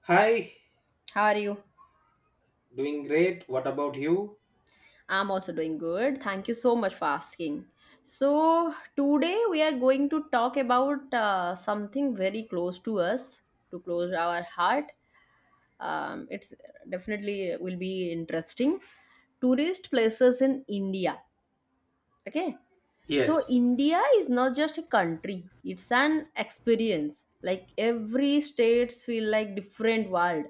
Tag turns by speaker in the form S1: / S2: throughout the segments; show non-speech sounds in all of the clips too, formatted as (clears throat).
S1: Hi,
S2: How are you?
S1: doing great. What about you?
S2: I'm also doing good. Thank you so much for asking. So today we are going to talk about something very close to us, to close our heart. It's definitely will be interesting. Tourist places in India. Okay, so
S1: Yes.
S2: india is not just a country, it's an experience, like every states feel like different world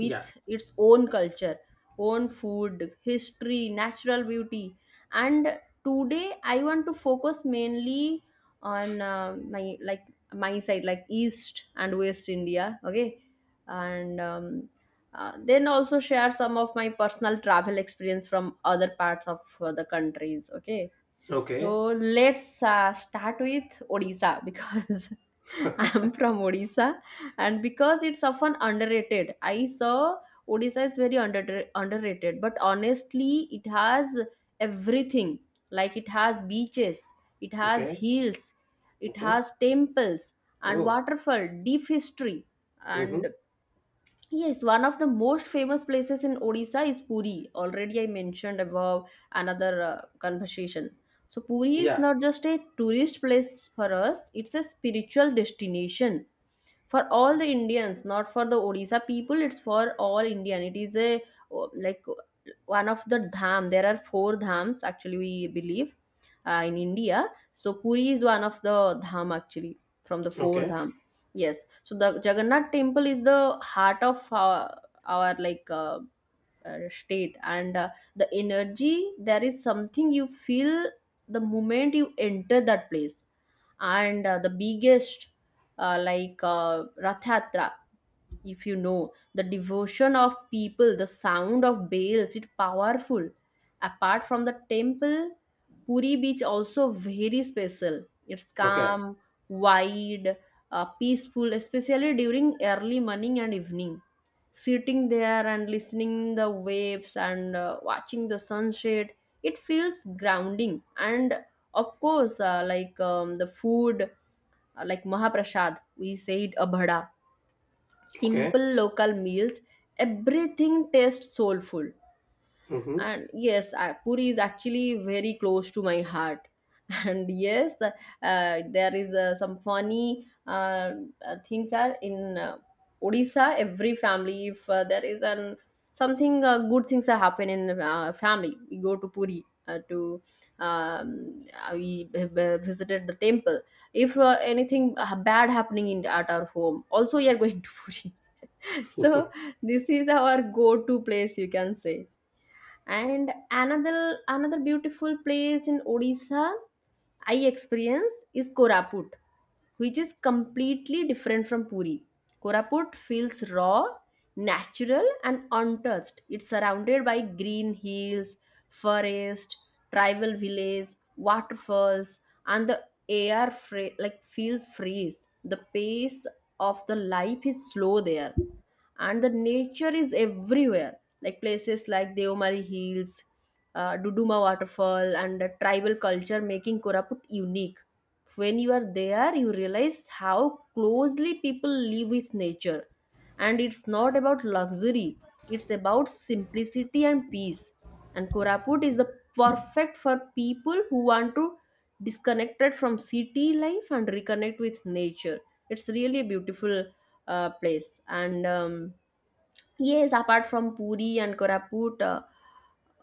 S2: with
S1: Yeah.
S2: its own culture, own food, history, natural beauty. And today I want to focus mainly on my like my side, like east and west india. Okay, and then also share some of my personal travel experience from other parts of the countries. Okay,
S1: Okay.
S2: so let's start with Odisha because (laughs)
S1: (laughs)
S2: I'm from Odisha, and because it's often underrated. I saw Odisha is very underrated, but honestly, it has everything. Like it has beaches, it has
S1: Okay.
S2: hills, it
S1: Okay.
S2: has temples and
S1: Oh.
S2: waterfall, deep history,
S1: Mm-hmm.
S2: and yes, one of the most famous places in Odisha is Puri. Already I mentioned above another conversation. So Puri is
S1: Yeah.
S2: not just a tourist place for us, it's a spiritual destination for all the Indians, not for the Odisha people. It's for all Indian. It is a, oh, like one of the dham. There are four dhams actually. We believe in India. So Puri is one of the dham actually from the four
S1: Okay.
S2: dham. Yes. So the Jagannath temple is the heart of our state, and the energy. There is something you feel the moment you enter that place. And the biggest rath yatra, if you know the devotion of people, the sound of bells, it powerful. Apart from the temple, puri beach also very special. It's
S1: Okay.
S2: calm, wide, peaceful, especially during early morning and evening. Sitting there and listening the waves and watching the sunset, it feels grounding. And of course, the food, like Mahaprasad, we said a bhada,
S1: Okay.
S2: simple local meals, everything tastes soulful.
S1: Mm-hmm.
S2: And yes, Puri is actually very close to my heart. And yes, there is some funny things are in odisha. Every family, if there is an something good things are happen in family, we go to puri to um, we visited the temple. If anything bad happening in at our home also, we are going to (laughs) puri. So this is our go to place, you can say. And another, another beautiful place in odisha I experience is koraput, which is completely different from Puri. Koraput feels raw, natural, and untouched. It's surrounded by green hills, forest, tribal villages, waterfalls, and the like feel freeze. The pace of the life is slow there, and the nature is everywhere. Like places like Deomari Hills, Duduma Waterfall, and the tribal culture making Koraput unique. When you are there, you realize how closely people live with nature, and it's not about luxury, it's about simplicity and peace. And koraput is the perfect for people who want to disconnected from city life and reconnect with nature. It's really a beautiful place. And yes, apart from Puri and Koraput,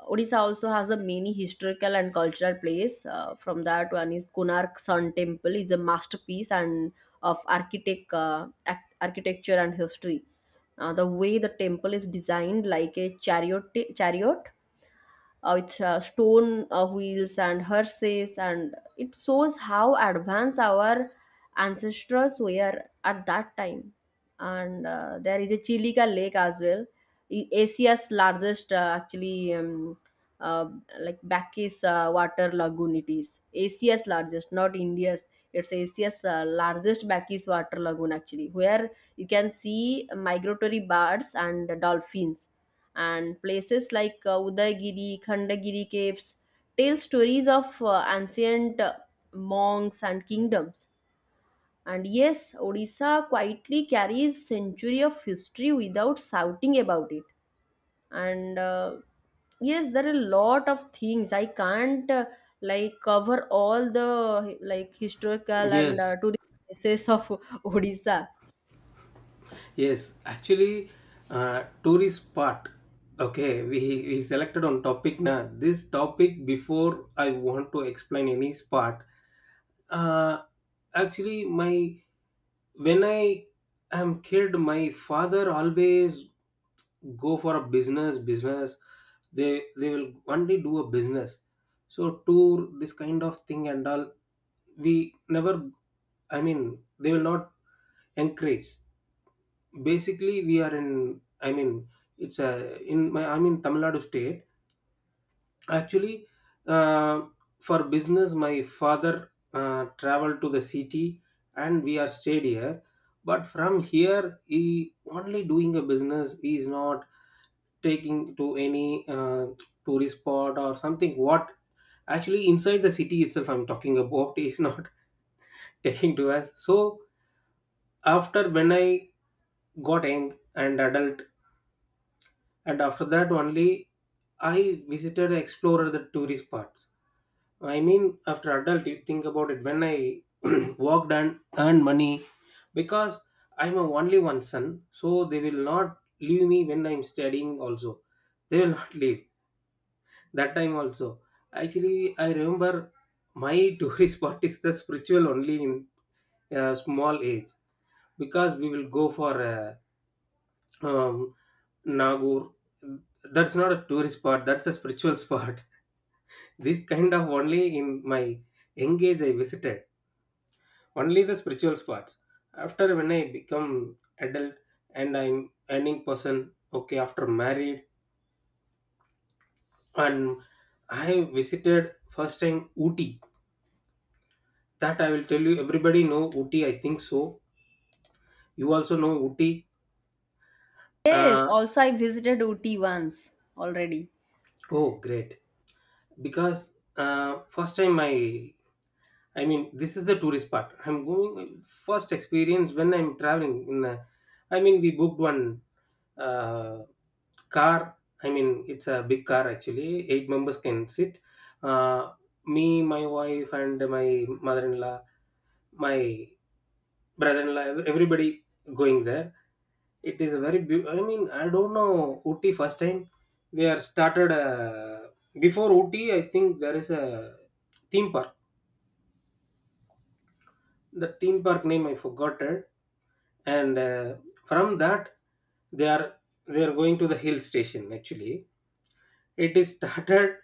S2: Odisha also has a many historical and cultural place. From that, one is Konark Sun Temple is a masterpiece and of architecture and history. The way the temple is designed, like a chariot, with stone wheels and hearses, and it shows how advanced our ancestors were at that time. And there is a Chilika Lake as well, Asia's largest, uh, like Bacchus water lagoon. It is Asia's largest, not India's. It's Asia's largest Bacchus water lagoon, actually, where you can see migratory birds and dolphins. And places like Udayagiri, Khandagiri caves tell stories of ancient monks and kingdoms. And yes, Odisha quietly carries century of history without shouting about it. And yes, there are a lot of things I can't like cover all the like
S1: (laughs)
S2: historical and
S1: yes.
S2: tourist places (laughs) of Odisha.
S1: Yes. Actually, tourist spot. Okay, we selected on topic na. This topic before I want to explain any spot. uh, Actually my, when I am kid, my father always go for a business. They will only do a business, so tour, this kind of thing, and all we never, I mean they will not encourage. Basically we are in, I mean it's a, in my, I'm in Tamil Nadu state actually. uh, for business my father traveled to the city and we are stayed here, but from here he only doing a business. He is not taking to any tourist spot or something. What, actually inside the city itself I'm talking about, is not (laughs) taking to us. So after when I got young and adult, and after that only I visited explorer the tourist parts. I mean, after adult, you think about it. When I (clears throat) worked and earned money, because I'm a only one son, so they will not leave me when I'm studying. Also, they will (laughs) not leave that time. Also, actually, I remember my (laughs) tourist spot is the spiritual only in a small age, because we will go for a, um, Nagur. That's not a tourist spot. That's a spiritual spot. (laughs) This kind of only in my engage I visited only the spiritual parts. After when I become adult and I'm earning person, okay, after married, and I visited first time Ooty. That I will tell you, everybody know Ooty I think so. You also know Ooty.
S2: Yes,
S1: uh,
S2: also I visited Uti once already.
S1: oh great. Because uh, first time I, mean this is the tourist part I'm going, first experience when I'm traveling in a, I mean we booked one uh, car. I mean it's a big car, actually eight members can sit. uh, Me, my wife, and my mother-in-law, my brother-in-law, everybody going there. It is a very beautiful. I mean I don't know Ooty first time. We are started before Ooty, I think there is a theme park. The theme park name I forgot it. And from that they are, they are going to the hill station actually. It is started.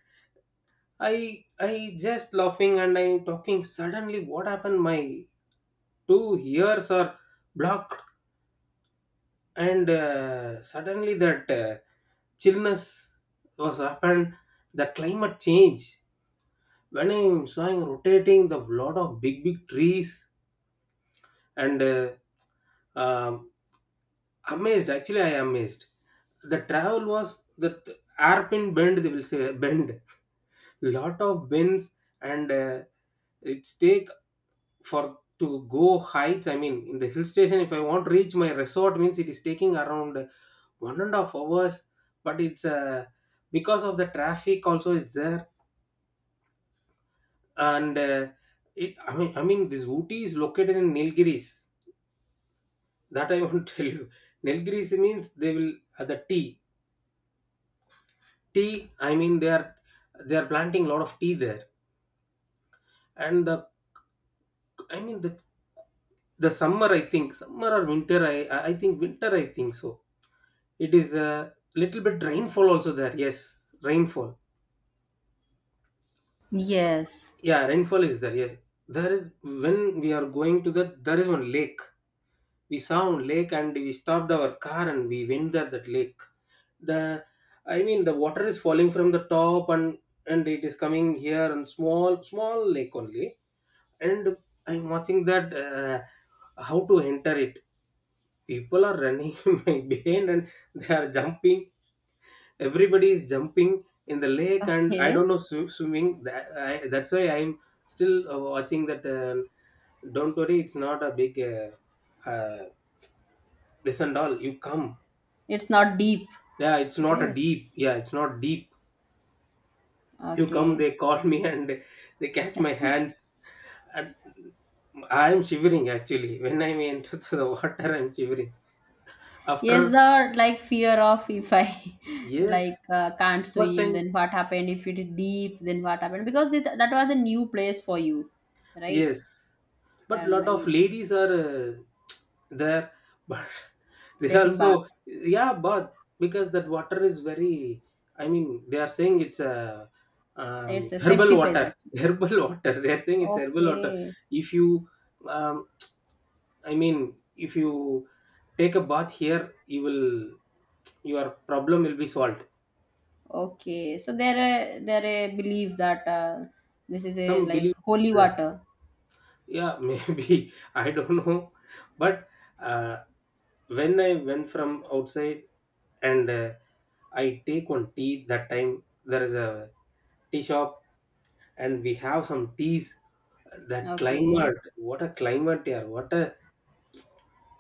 S1: I i just laughing and I talking, suddenly what happened, my two ears are blocked. And suddenly that chillness was happened, the climate change. When I'm showing rotating the lot of big trees, and um, amazed, actually I am amazed. The travel was that hairpin bend, they will say bend, lot of bends. And it's take for to go heights. I mean in the hill station, if I want to reach my resort means it is taking around 1.5 hours. But it's because of the traffic also is there. And it I mean, this Ooty is located in Nilgiris, that I want to (laughs) tell you. Nilgiris means they will the tea. I mean they are, they are planting a lot of tea there. And the, I mean the summer, I think summer or winter, I think winter I think so. It is a little bit rainfall also there. Yes, rainfall.
S2: Yes.
S1: Yeah, rainfall is there. Yes, there is, when we are going to that, there is one lake. We saw one lake and we stopped our car and we went there that lake. The, I mean the water is falling from the top, and it is coming here, and small lake only. And I'm watching that how to enter it. People are running (laughs) behind, and they are jumping, everybody is jumping in the lake. And I
S2: Okay.
S1: don't know swimming. That I, that's why I'm still watching that. Don't worry, it's not a big uh, this and all, you come.
S2: It's not deep,
S1: Yeah, it's not a
S2: right?
S1: deep, yeah it's not deep. You come,
S2: Okay.
S1: they call (laughs) me, and they catch my hands. And I'm shivering actually. When I am into (laughs) the water I'm shivering
S2: Yes,
S1: after.
S2: the like fear of if I (laughs) like
S1: Yes,
S2: can't
S1: first
S2: swim,
S1: time.
S2: then what happened? If it is deep, then what happened? Because that was a new place for you, right?
S1: Yes, but
S2: And
S1: lot of
S2: I,
S1: ladies are there, but (laughs) they
S2: taking bath,
S1: also yeah, but because that water is very. I mean, they are saying it's a
S2: it's a safety
S1: herbal
S2: place
S1: water.
S2: actually.
S1: (laughs) Herbal water. They are saying it's herbal water.
S2: Okay,
S1: If you, um, I mean, if you take a bath here, you will, your problem will be solved.
S2: okay. So there, there a belief that this is a
S1: Some
S2: like
S1: believe
S2: holy
S1: there.
S2: water.
S1: Yeah, (laughs) maybe i don't know, but. Uh, when I went from outside, and I take one tea. That time there is a tea shop, and we have some teas. That
S2: Okay,
S1: climate, what a climate here, what a,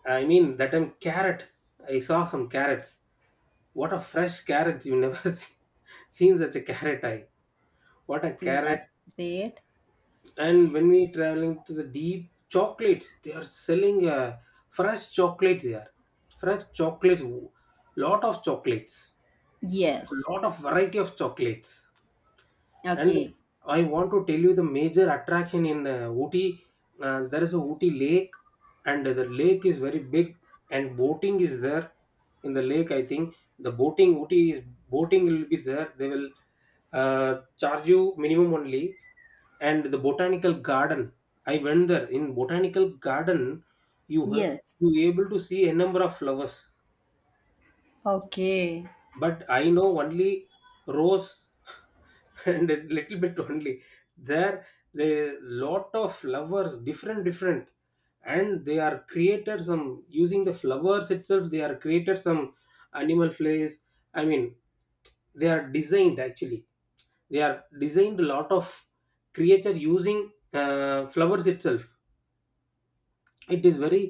S1: I mean that time carrot, I saw some carrots. What a fresh carrots, you never (laughs) seen such a carrot. I, what a carrot.
S2: that's great.
S1: And when we traveling to the deep, chocolates they are selling. Fresh chocolates here, fresh chocolates, lot of chocolates.
S2: Yes.
S1: A lot of variety of chocolates. And
S2: Okay.
S1: I want to tell you the major attraction in Ooty. There is a Ooty lake, and the lake is very big, and boating is there in the lake. I think the boating Ooty is boating will be there. They will uh, charge you minimum only. And the botanical garden, I went there in botanical garden. you h-
S2: Yes.
S1: you able to see a number of flowers.
S2: Okay.
S1: But I know only rose (laughs) and a little bit only. There, the lot of flowers, different, different, and they are created some using the flowers itself. They are created some animal plays. I mean, they are designed actually. They are designed a lot of creature using flowers itself. It is very,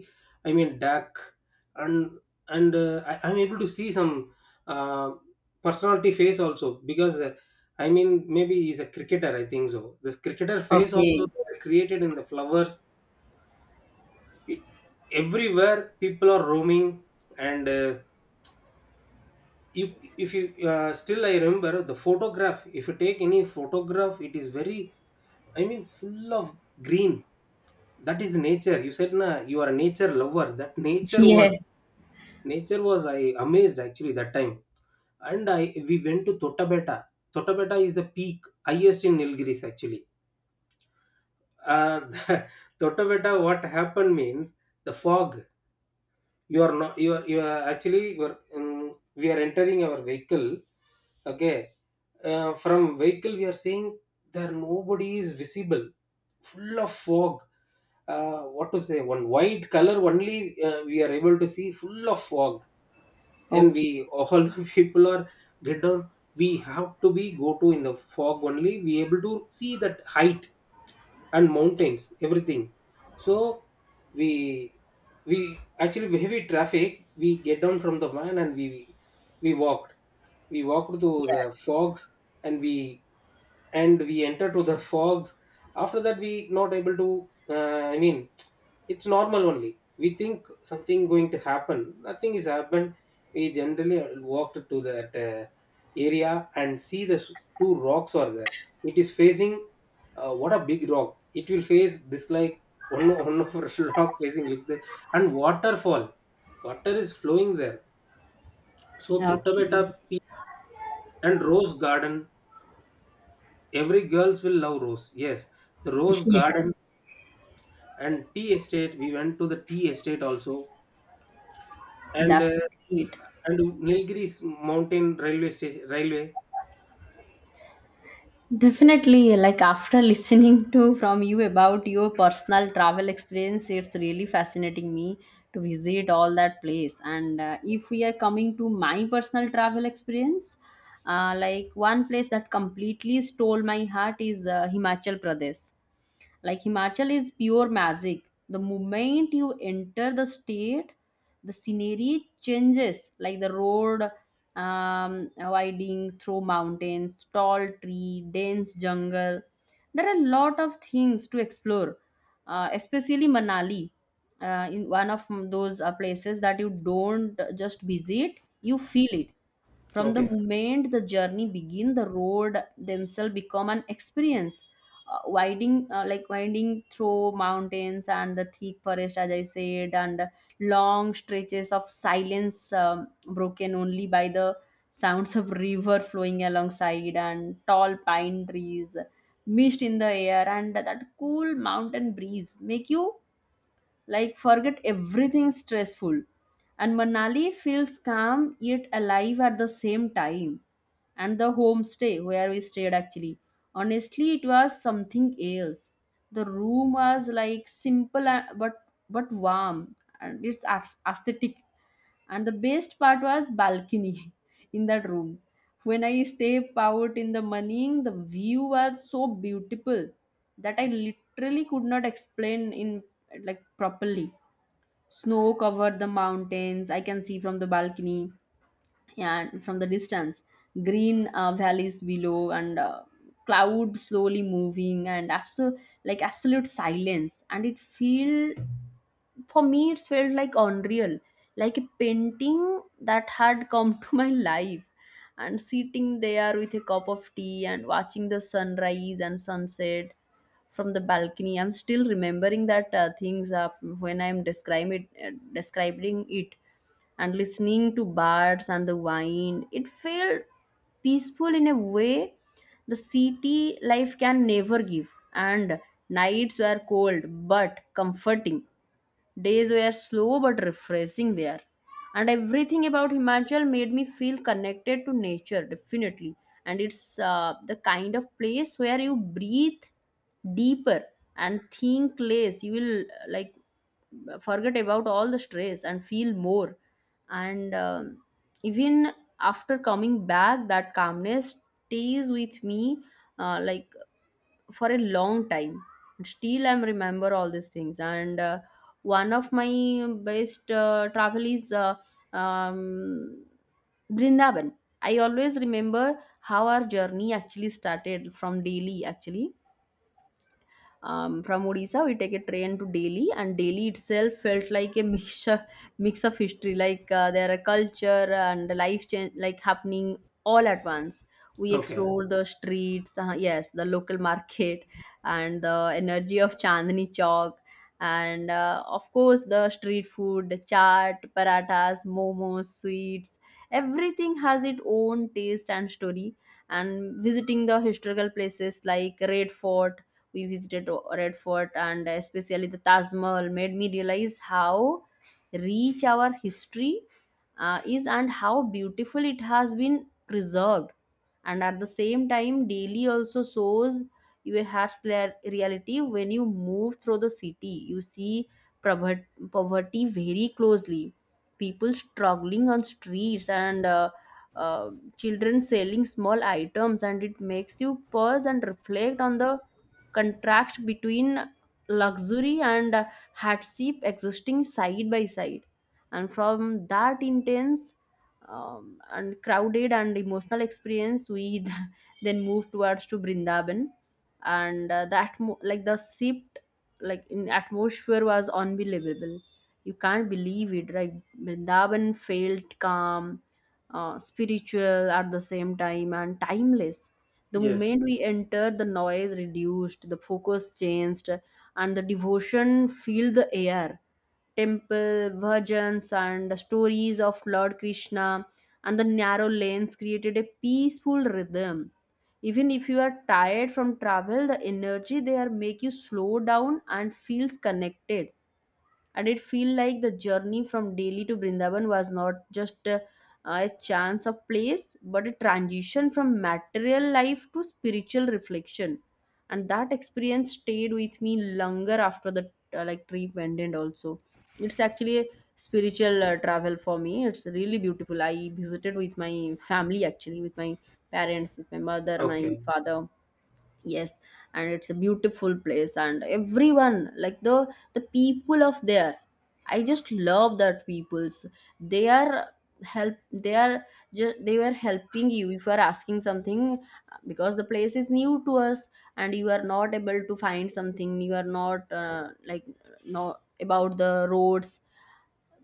S1: I mean dark. And I, I'm able to see some uh, personality face also. Because I mean maybe he's a cricketer I think so. This cricketer face also
S2: Okay.
S1: they are created in the flowers. It, everywhere people are roaming. And you, if you still I remember the photograph. If you take any photograph it is very, I mean full of green. That is nature, you said na, you are a nature lover. That nature was,
S2: Yes.
S1: nature was, I amazed actually that time. And I we went to Tottabetta. Tottabetta is the peak highest in Nilgiris actually. uh, (laughs) Tottabetta, what happened means, the fog. You are not, you are, you are actually, you are, we are entering our vehicle. Okay, from vehicle we are seeing there, nobody is visible, full of fog. What to say, one white color only, we are able to see full of fog. And
S2: Okay.
S1: we all (laughs) the people are get down. We have to be go to in the fog only, we able to see that height and mountains, everything. So we we actually heavy traffic, we get down from the van and we walked. We walked to the
S2: Yes.
S1: fogs. And we, and we enter to the fogs. After that we not able to I mean, it's normal only, we think something going to happen, nothing is happened. We generally walked to that area, and see the two rocks are there. It is facing what a big rock it will face this, like one (laughs) rock facing like the, and waterfall, water is flowing there. So Tottabetta
S2: Okay.
S1: peak, and rose garden, every girls will love rose, yes. The rose
S2: Yes.
S1: garden, and tea estate, we went to the tea estate also. And
S2: That's great.
S1: and Nilgiris mountain railway station, railway.
S2: Definitely, like after listening to from you about your personal travel experience, it's really fascinating me to visit all that place. And if we are coming to my personal travel experience, like one place that completely stole my heart is Himachal Pradesh. Like himachal is pure magic. The moment you enter the state, the scenery changes, like the road winding through mountains, tall tree, dense jungle. There are a lot of things to explore, especially manali, in one of those places that you don't just visit, you feel it. From the
S1: Okay.
S2: moment the journey begin, the road themselves become an experience. Winding like winding through mountains and the thick forest, as I said, and long stretches of silence, broken only by the sounds of river flowing alongside and tall pine trees, mist in the air, and that cool mountain breeze make you like forget everything stressful. And manali feels calm yet alive at the same time. And the homestay where we stayed, actually honestly it was something else. The room was like simple but warm, and it's aesthetic. And the best part was balcony (laughs) in that room. When I step out in the morning, the view was so beautiful that I literally could not explain in like properly. Snow covered the mountains. I can see from the balcony and from the distance, green valleys below, and cloud slowly moving, and absolute like absolute silence. And it feel, for me it's felt like unreal, like a painting that had come to my life. And sitting there with a cup of tea and watching the sunrise and sunset from the balcony, I'm still remembering that things when I'm describing it and listening to birds and the wind, it felt peaceful in a way the city life can never give. And nights were cold but comforting. Days were slow but refreshing there. And everything about Himachal made me feel connected to nature, definitely. And it's the kind of place where you breathe deeper and think less. You will like forget about all the stress and feel more. And even after coming back, that calmness stays with me like for a long time. Still I'm remember all these things. And one of my best travel is um, brindaban. I always remember how our journey actually started from delhi actually. From Odisha, we take a train to Delhi, and Delhi itself felt like a (laughs) mixture, mix of history. Like there are culture and life change, like happening all at once. We
S1: Okay.
S2: explored the streets, yes, the local market, and the energy of Chandni Chowk, and of course the street food, the chaat, parathas, momos, sweets. Everything has its own taste and story. And visiting the historical places like Red Fort, we visited Red Fort, and especially the Taj Mahal made me realize how rich our history is and how beautiful it has been preserved. And at the same time, daily also shows you a harsh reality. When you move through the city, you see prover- poverty very closely, people struggling on streets, and uh, children selling small items, and it makes you pause and reflect on the contrast between luxury and hardship existing side by side. And from that intense and crowded and emotional experience, we (laughs) then moved towards to brindaban. And the shift like in atmosphere was unbelievable. You can't believe it. Like brindaban felt calm, spiritual at the same time, and timeless. The
S1: Yes.
S2: moment we entered, the noise reduced, the focus changed, and the devotion filled the air. Temple, virgins, and stories of Lord Krishna and the narrow lanes created a peaceful rhythm. Even if you are tired from travel, the energy there make you slow down and feels connected, and it feel like the journey from Delhi to Brindavan was not just a chance of place but a transition from material life to spiritual reflection, and that experience stayed with me longer after the like trip ended also. It's actually a spiritual travel for me. It's really beautiful. I visited with my family, actually with my parents, with my mother, my
S1: Okay.
S2: father. Yes, and it's a beautiful place, and everyone like the people of there, I just love that people's. They are help, they are they were helping you if you are asking something, because the place is new to us, and you are not able to find something, you are not like not about the roads,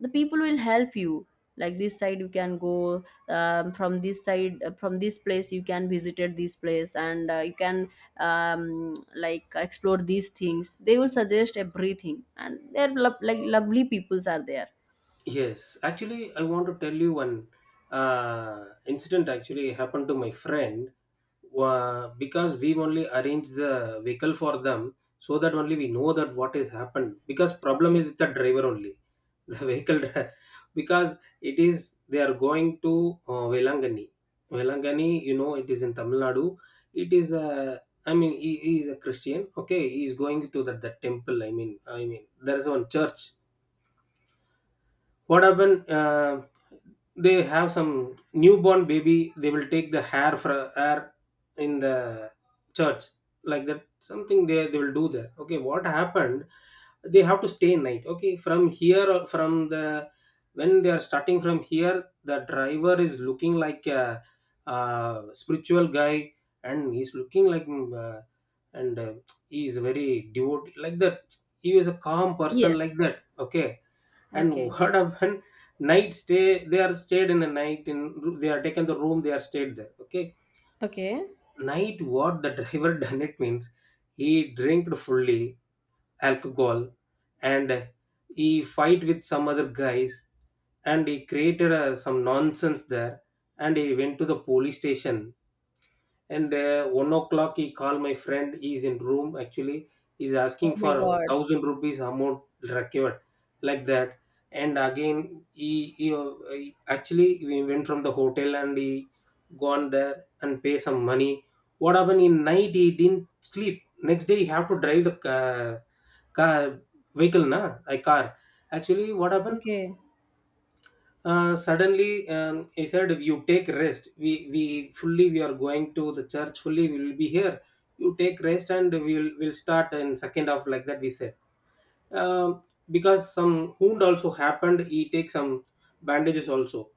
S2: the people will help you, like this side you can go, from this side, from this place you can visited this place, and you can like explore these things. They will suggest everything, and they're like lovely peoples are there.
S1: Yes, actually I want to tell you one uh, incident actually happened to my friend. Because we've only arranged the vehicle for them, so that only we know that what has happened. Because problem
S2: Okay.
S1: is with the driver only. (laughs) The because it is they are going to Velangani. Velangani, you know it is in Tamil Nadu. It is a, I mean he is a Christian. Okay, he is going to that, that temple. I mean, I mean there is one church. What happen, they have some newborn baby, they will take the hair for hair in the church, like that something they will do there. Okay, what happened, they have to stay night. Okay, from here, from the, when they are starting from here, the driver is looking like a, spiritual guy. And he's looking like and he is very devout like that. He is a calm person like
S2: Yes.
S1: that, okay. And
S2: Okay.
S1: what happen, night stay, they are stayed in a night in, they are taken the room, they are stayed there, okay.
S2: Okay.
S1: Night what the driver (laughs) done it means, he drank fully alcohol, and he fight with some other guys, and he created some nonsense there, and he went to the police station. And 1 o'clock he called my friend. He's in room actually. He's
S2: Oh
S1: asking
S2: my
S1: for a
S2: God.
S1: thousand rupees amount recovered, like that. And again actually we went from the hotel and he gone there and pay some money. What happened in night, he didn't sleep. Next day he have to drive the car, vehicle na, a car. Actually what happened,
S2: Okay.
S1: suddenly he said you take rest, we fully we are going to the church fully, we will be here. You take rest and we'll start in second half, like that we said. um, because some wound also happened, he takes some bandages also.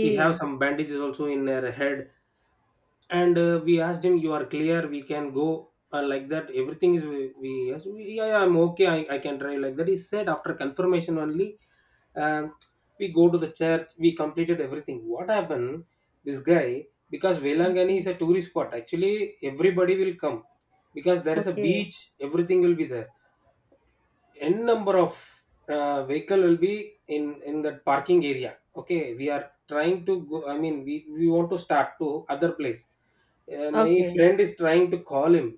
S1: He have some bandages also in her head. And we asked him, you are clear we can go, like that. Everything is we yes, yeah, yeah, I'm okay, I can drive, like that he said. After confirmation only, um, we go to the church. We completed everything. What happened? This guy, because Velangani
S2: Okay.
S1: is a tourist spot. Actually, everybody will come because there is a
S2: Okay.
S1: beach. Everything will be there. N number of vehicle will be in that parking area. Okay, we are trying to go. I mean, we want to start to other place. My
S2: Okay.
S1: friend is trying to call him.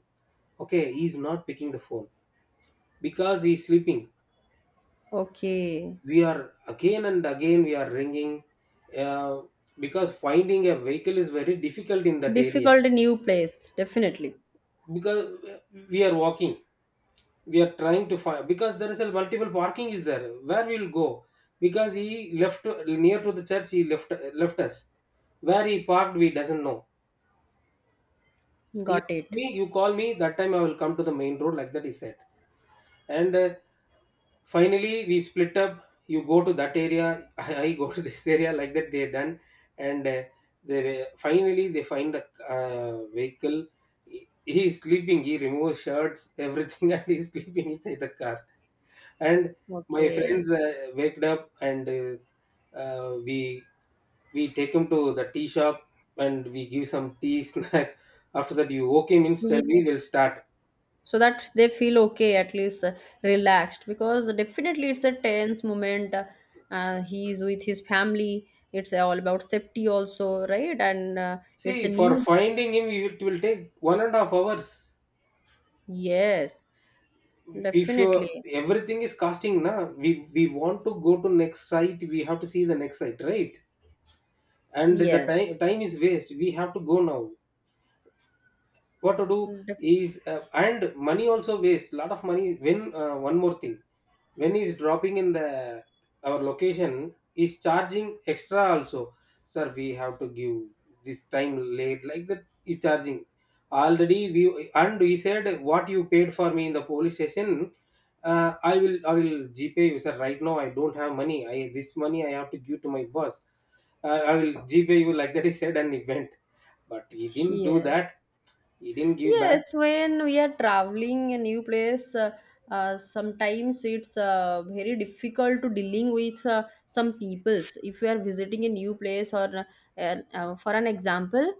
S1: Okay, he's not picking the phone because he's sleeping.
S2: Okay.
S1: We are again and again we are ringing, uh, because finding a vehicle is very difficult in that area.
S2: Difficult new place. Definitely.
S1: Because we are walking, we are trying to find, because there is a multiple parking is there, where we will go. Because he left near to the church, he left us. Where he parked, we doesn't know. he,
S2: Got it.
S1: me you call me that time I will come to the main road, like that he said. And finally, we split up. You go to that area, (laughs) I go to this area. Like that, they are done, and finally they find a vehicle. He is sleeping. He removes shirts, everything, (laughs) and he's sleeping inside the car. And my
S2: Okay.
S1: friends waked up, and uh, we we take him to the tea shop, and we give some tea (laughs) snacks. After that, you okay means tell me, we'll start.
S2: So that they feel okay at least, relaxed, because definitely it's a tense moment. He's with his family. It's all about safety also, right? And it's a
S1: See, for
S2: new,
S1: finding him, it will take 1.5 hours.
S2: yes,
S1: If you,
S2: definitely,
S1: everything is costing na, we we want to go to next site, we have to see the next site, right. And the
S2: yes,
S1: time is waste, we have to go now. What to do
S2: Def-,
S1: is, and money also waste, lot of money. When one more thing, when he's dropping in the our location, is charging extra also. Sir, we have to give this time late, like that he's charging already. We, and he said what you paid for me in the police station, i will gpay you sir, right now I don't have money, I this money I have to give to my boss. I will gpay you, like that he said and he went. But he didn't do
S2: yes.
S1: that. He didn't give back.
S2: Yes, when we are traveling a new place, sometimes it's very difficult to dealing with some peoples. If you are visiting a new place, or for an example,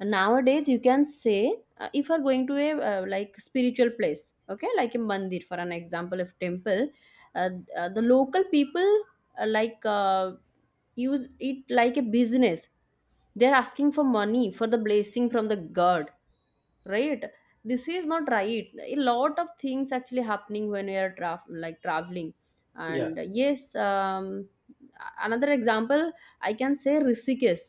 S2: nowadays you can say, if you are going to a like spiritual place, okay, like a mandir, for an example, if temple, uh, the local people like use it like a business. They are asking for money for the blessing from the god, right? This is not right. A lot of things actually happening when we are like traveling,
S1: Yeah,
S2: and yes, another example I can say, Rishikesh.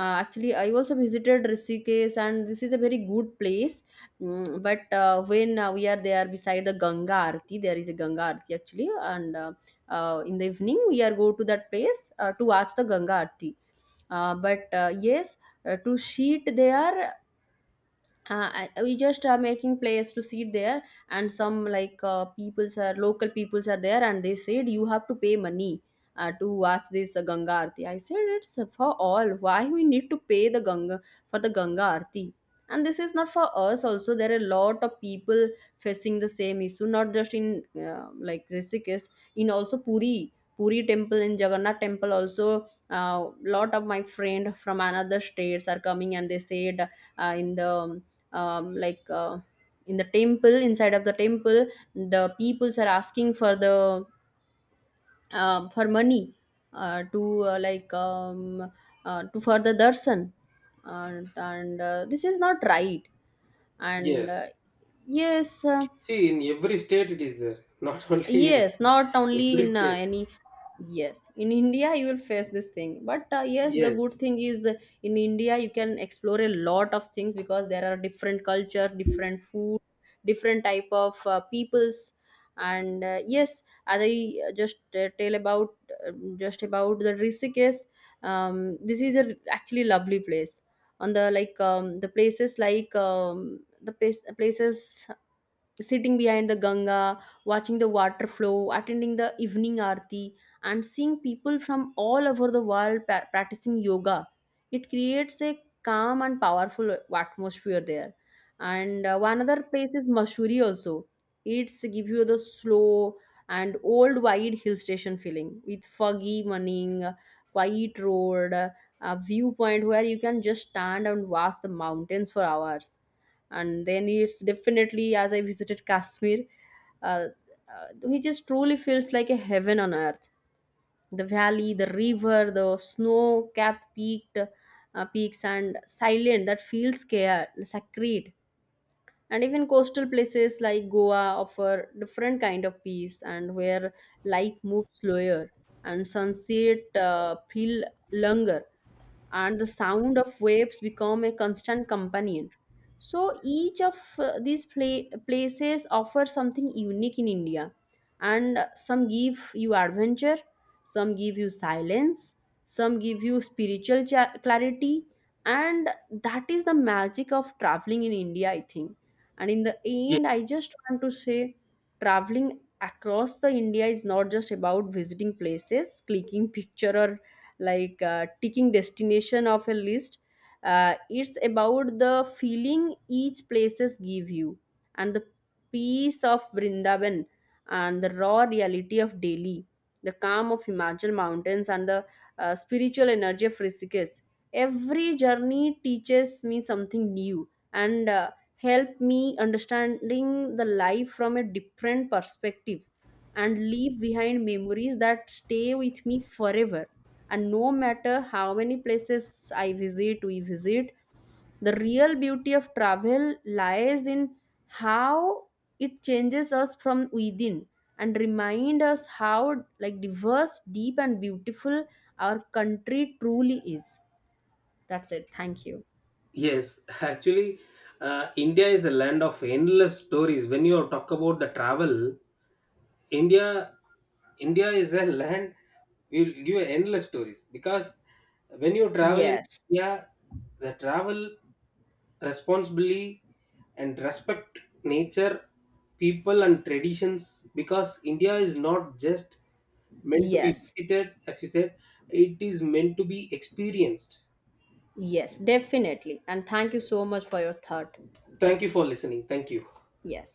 S2: Actually I also visited Rishikesh, and this is a very good place. Mm, but when we are there beside the Ganga Arati, there is a Ganga Arati actually, and in the evening we are go to that place to watch the Ganga Arati. But yes, to sheet there, I- we just are making place to sit there, and some like peoples are local peoples are there, and they said you have to pay money to watch this Ganga Aarti. I said it's for all, why we need to pay the Ganga for the Ganga Aarti? And this is not for us also. There are a lot of people facing the same issue, not just in like Rishikesh, in also Puri, Puri temple, in Jagannath temple also. A lot of my friend from another states are coming, and they said in the like in the temple, inside of the temple, the peoples are asking for the for money to like to further darshan, and this is not right, and
S1: yes.
S2: yes,
S1: See, in every state it is there, (laughs) not only in
S2: yes, not only
S1: every
S2: in
S1: state.
S2: any, yes, in India you will face this thing, but yes, the good
S1: Yes,
S2: thing is, in India you can explore a lot of things, because there are different culture, different food, different type of peoples, and yes, as I just tell about just about the Rishikesh, this is a actually lovely place. On the like the places, like places sitting behind the Ganga, watching the water flow, attending the evening aarti, and seeing people from all over the world practicing yoga. It creates a calm and powerful atmosphere there. And one other place is Masuri also. It's give you the slow and old wide hill station feeling, with foggy morning, quiet road, a viewpoint where you can just stand and watch the mountains for hours. And then it's definitely, as I visited Kashmir, uh, he just truly feels like a heaven on earth. The valley, the river, the snow capped peaked peaks and silent that feels scared sacred. And even coastal places like Goa offer different kind of peace, and where life moves slower, and sunset feel longer, and the sound of waves become a constant companion. So each of these places offer something unique in India, and some give you adventure, some give you silence, some give you spiritual clarity, and that is the magic of traveling in India, I think. And in the
S1: yes,
S2: end, I just want to say traveling across the India is not just about visiting places, clicking picture, or like ticking destination of a list. It's about the feeling each places give you, and the peace of Vrindavan and the raw reality of Delhi, the calm of Himachal mountains, and the spiritual energy of Rishikesh. Every journey teaches me something new, and help me understanding the life from a different perspective, and leave behind memories that stay with me forever. And no matter how many places I visit, we visit, the real beauty of travel lies in how it changes us from within, and remind us how like diverse, deep and beautiful our country truly is. That's it, thank you.
S1: yes. Actually, India is a land of endless stories. When you talk about the travel, India India is a land, will give you endless stories, because when you travel in
S2: Yes.
S1: India, the travel responsibly and respect nature, people and traditions, because India is not just meant to be
S2: Yes,
S1: visited, as you said, it is meant to be experienced.
S2: yes, definitely, and thank you so much for your thought.
S1: Thank you for listening. Thank you.
S2: Yes.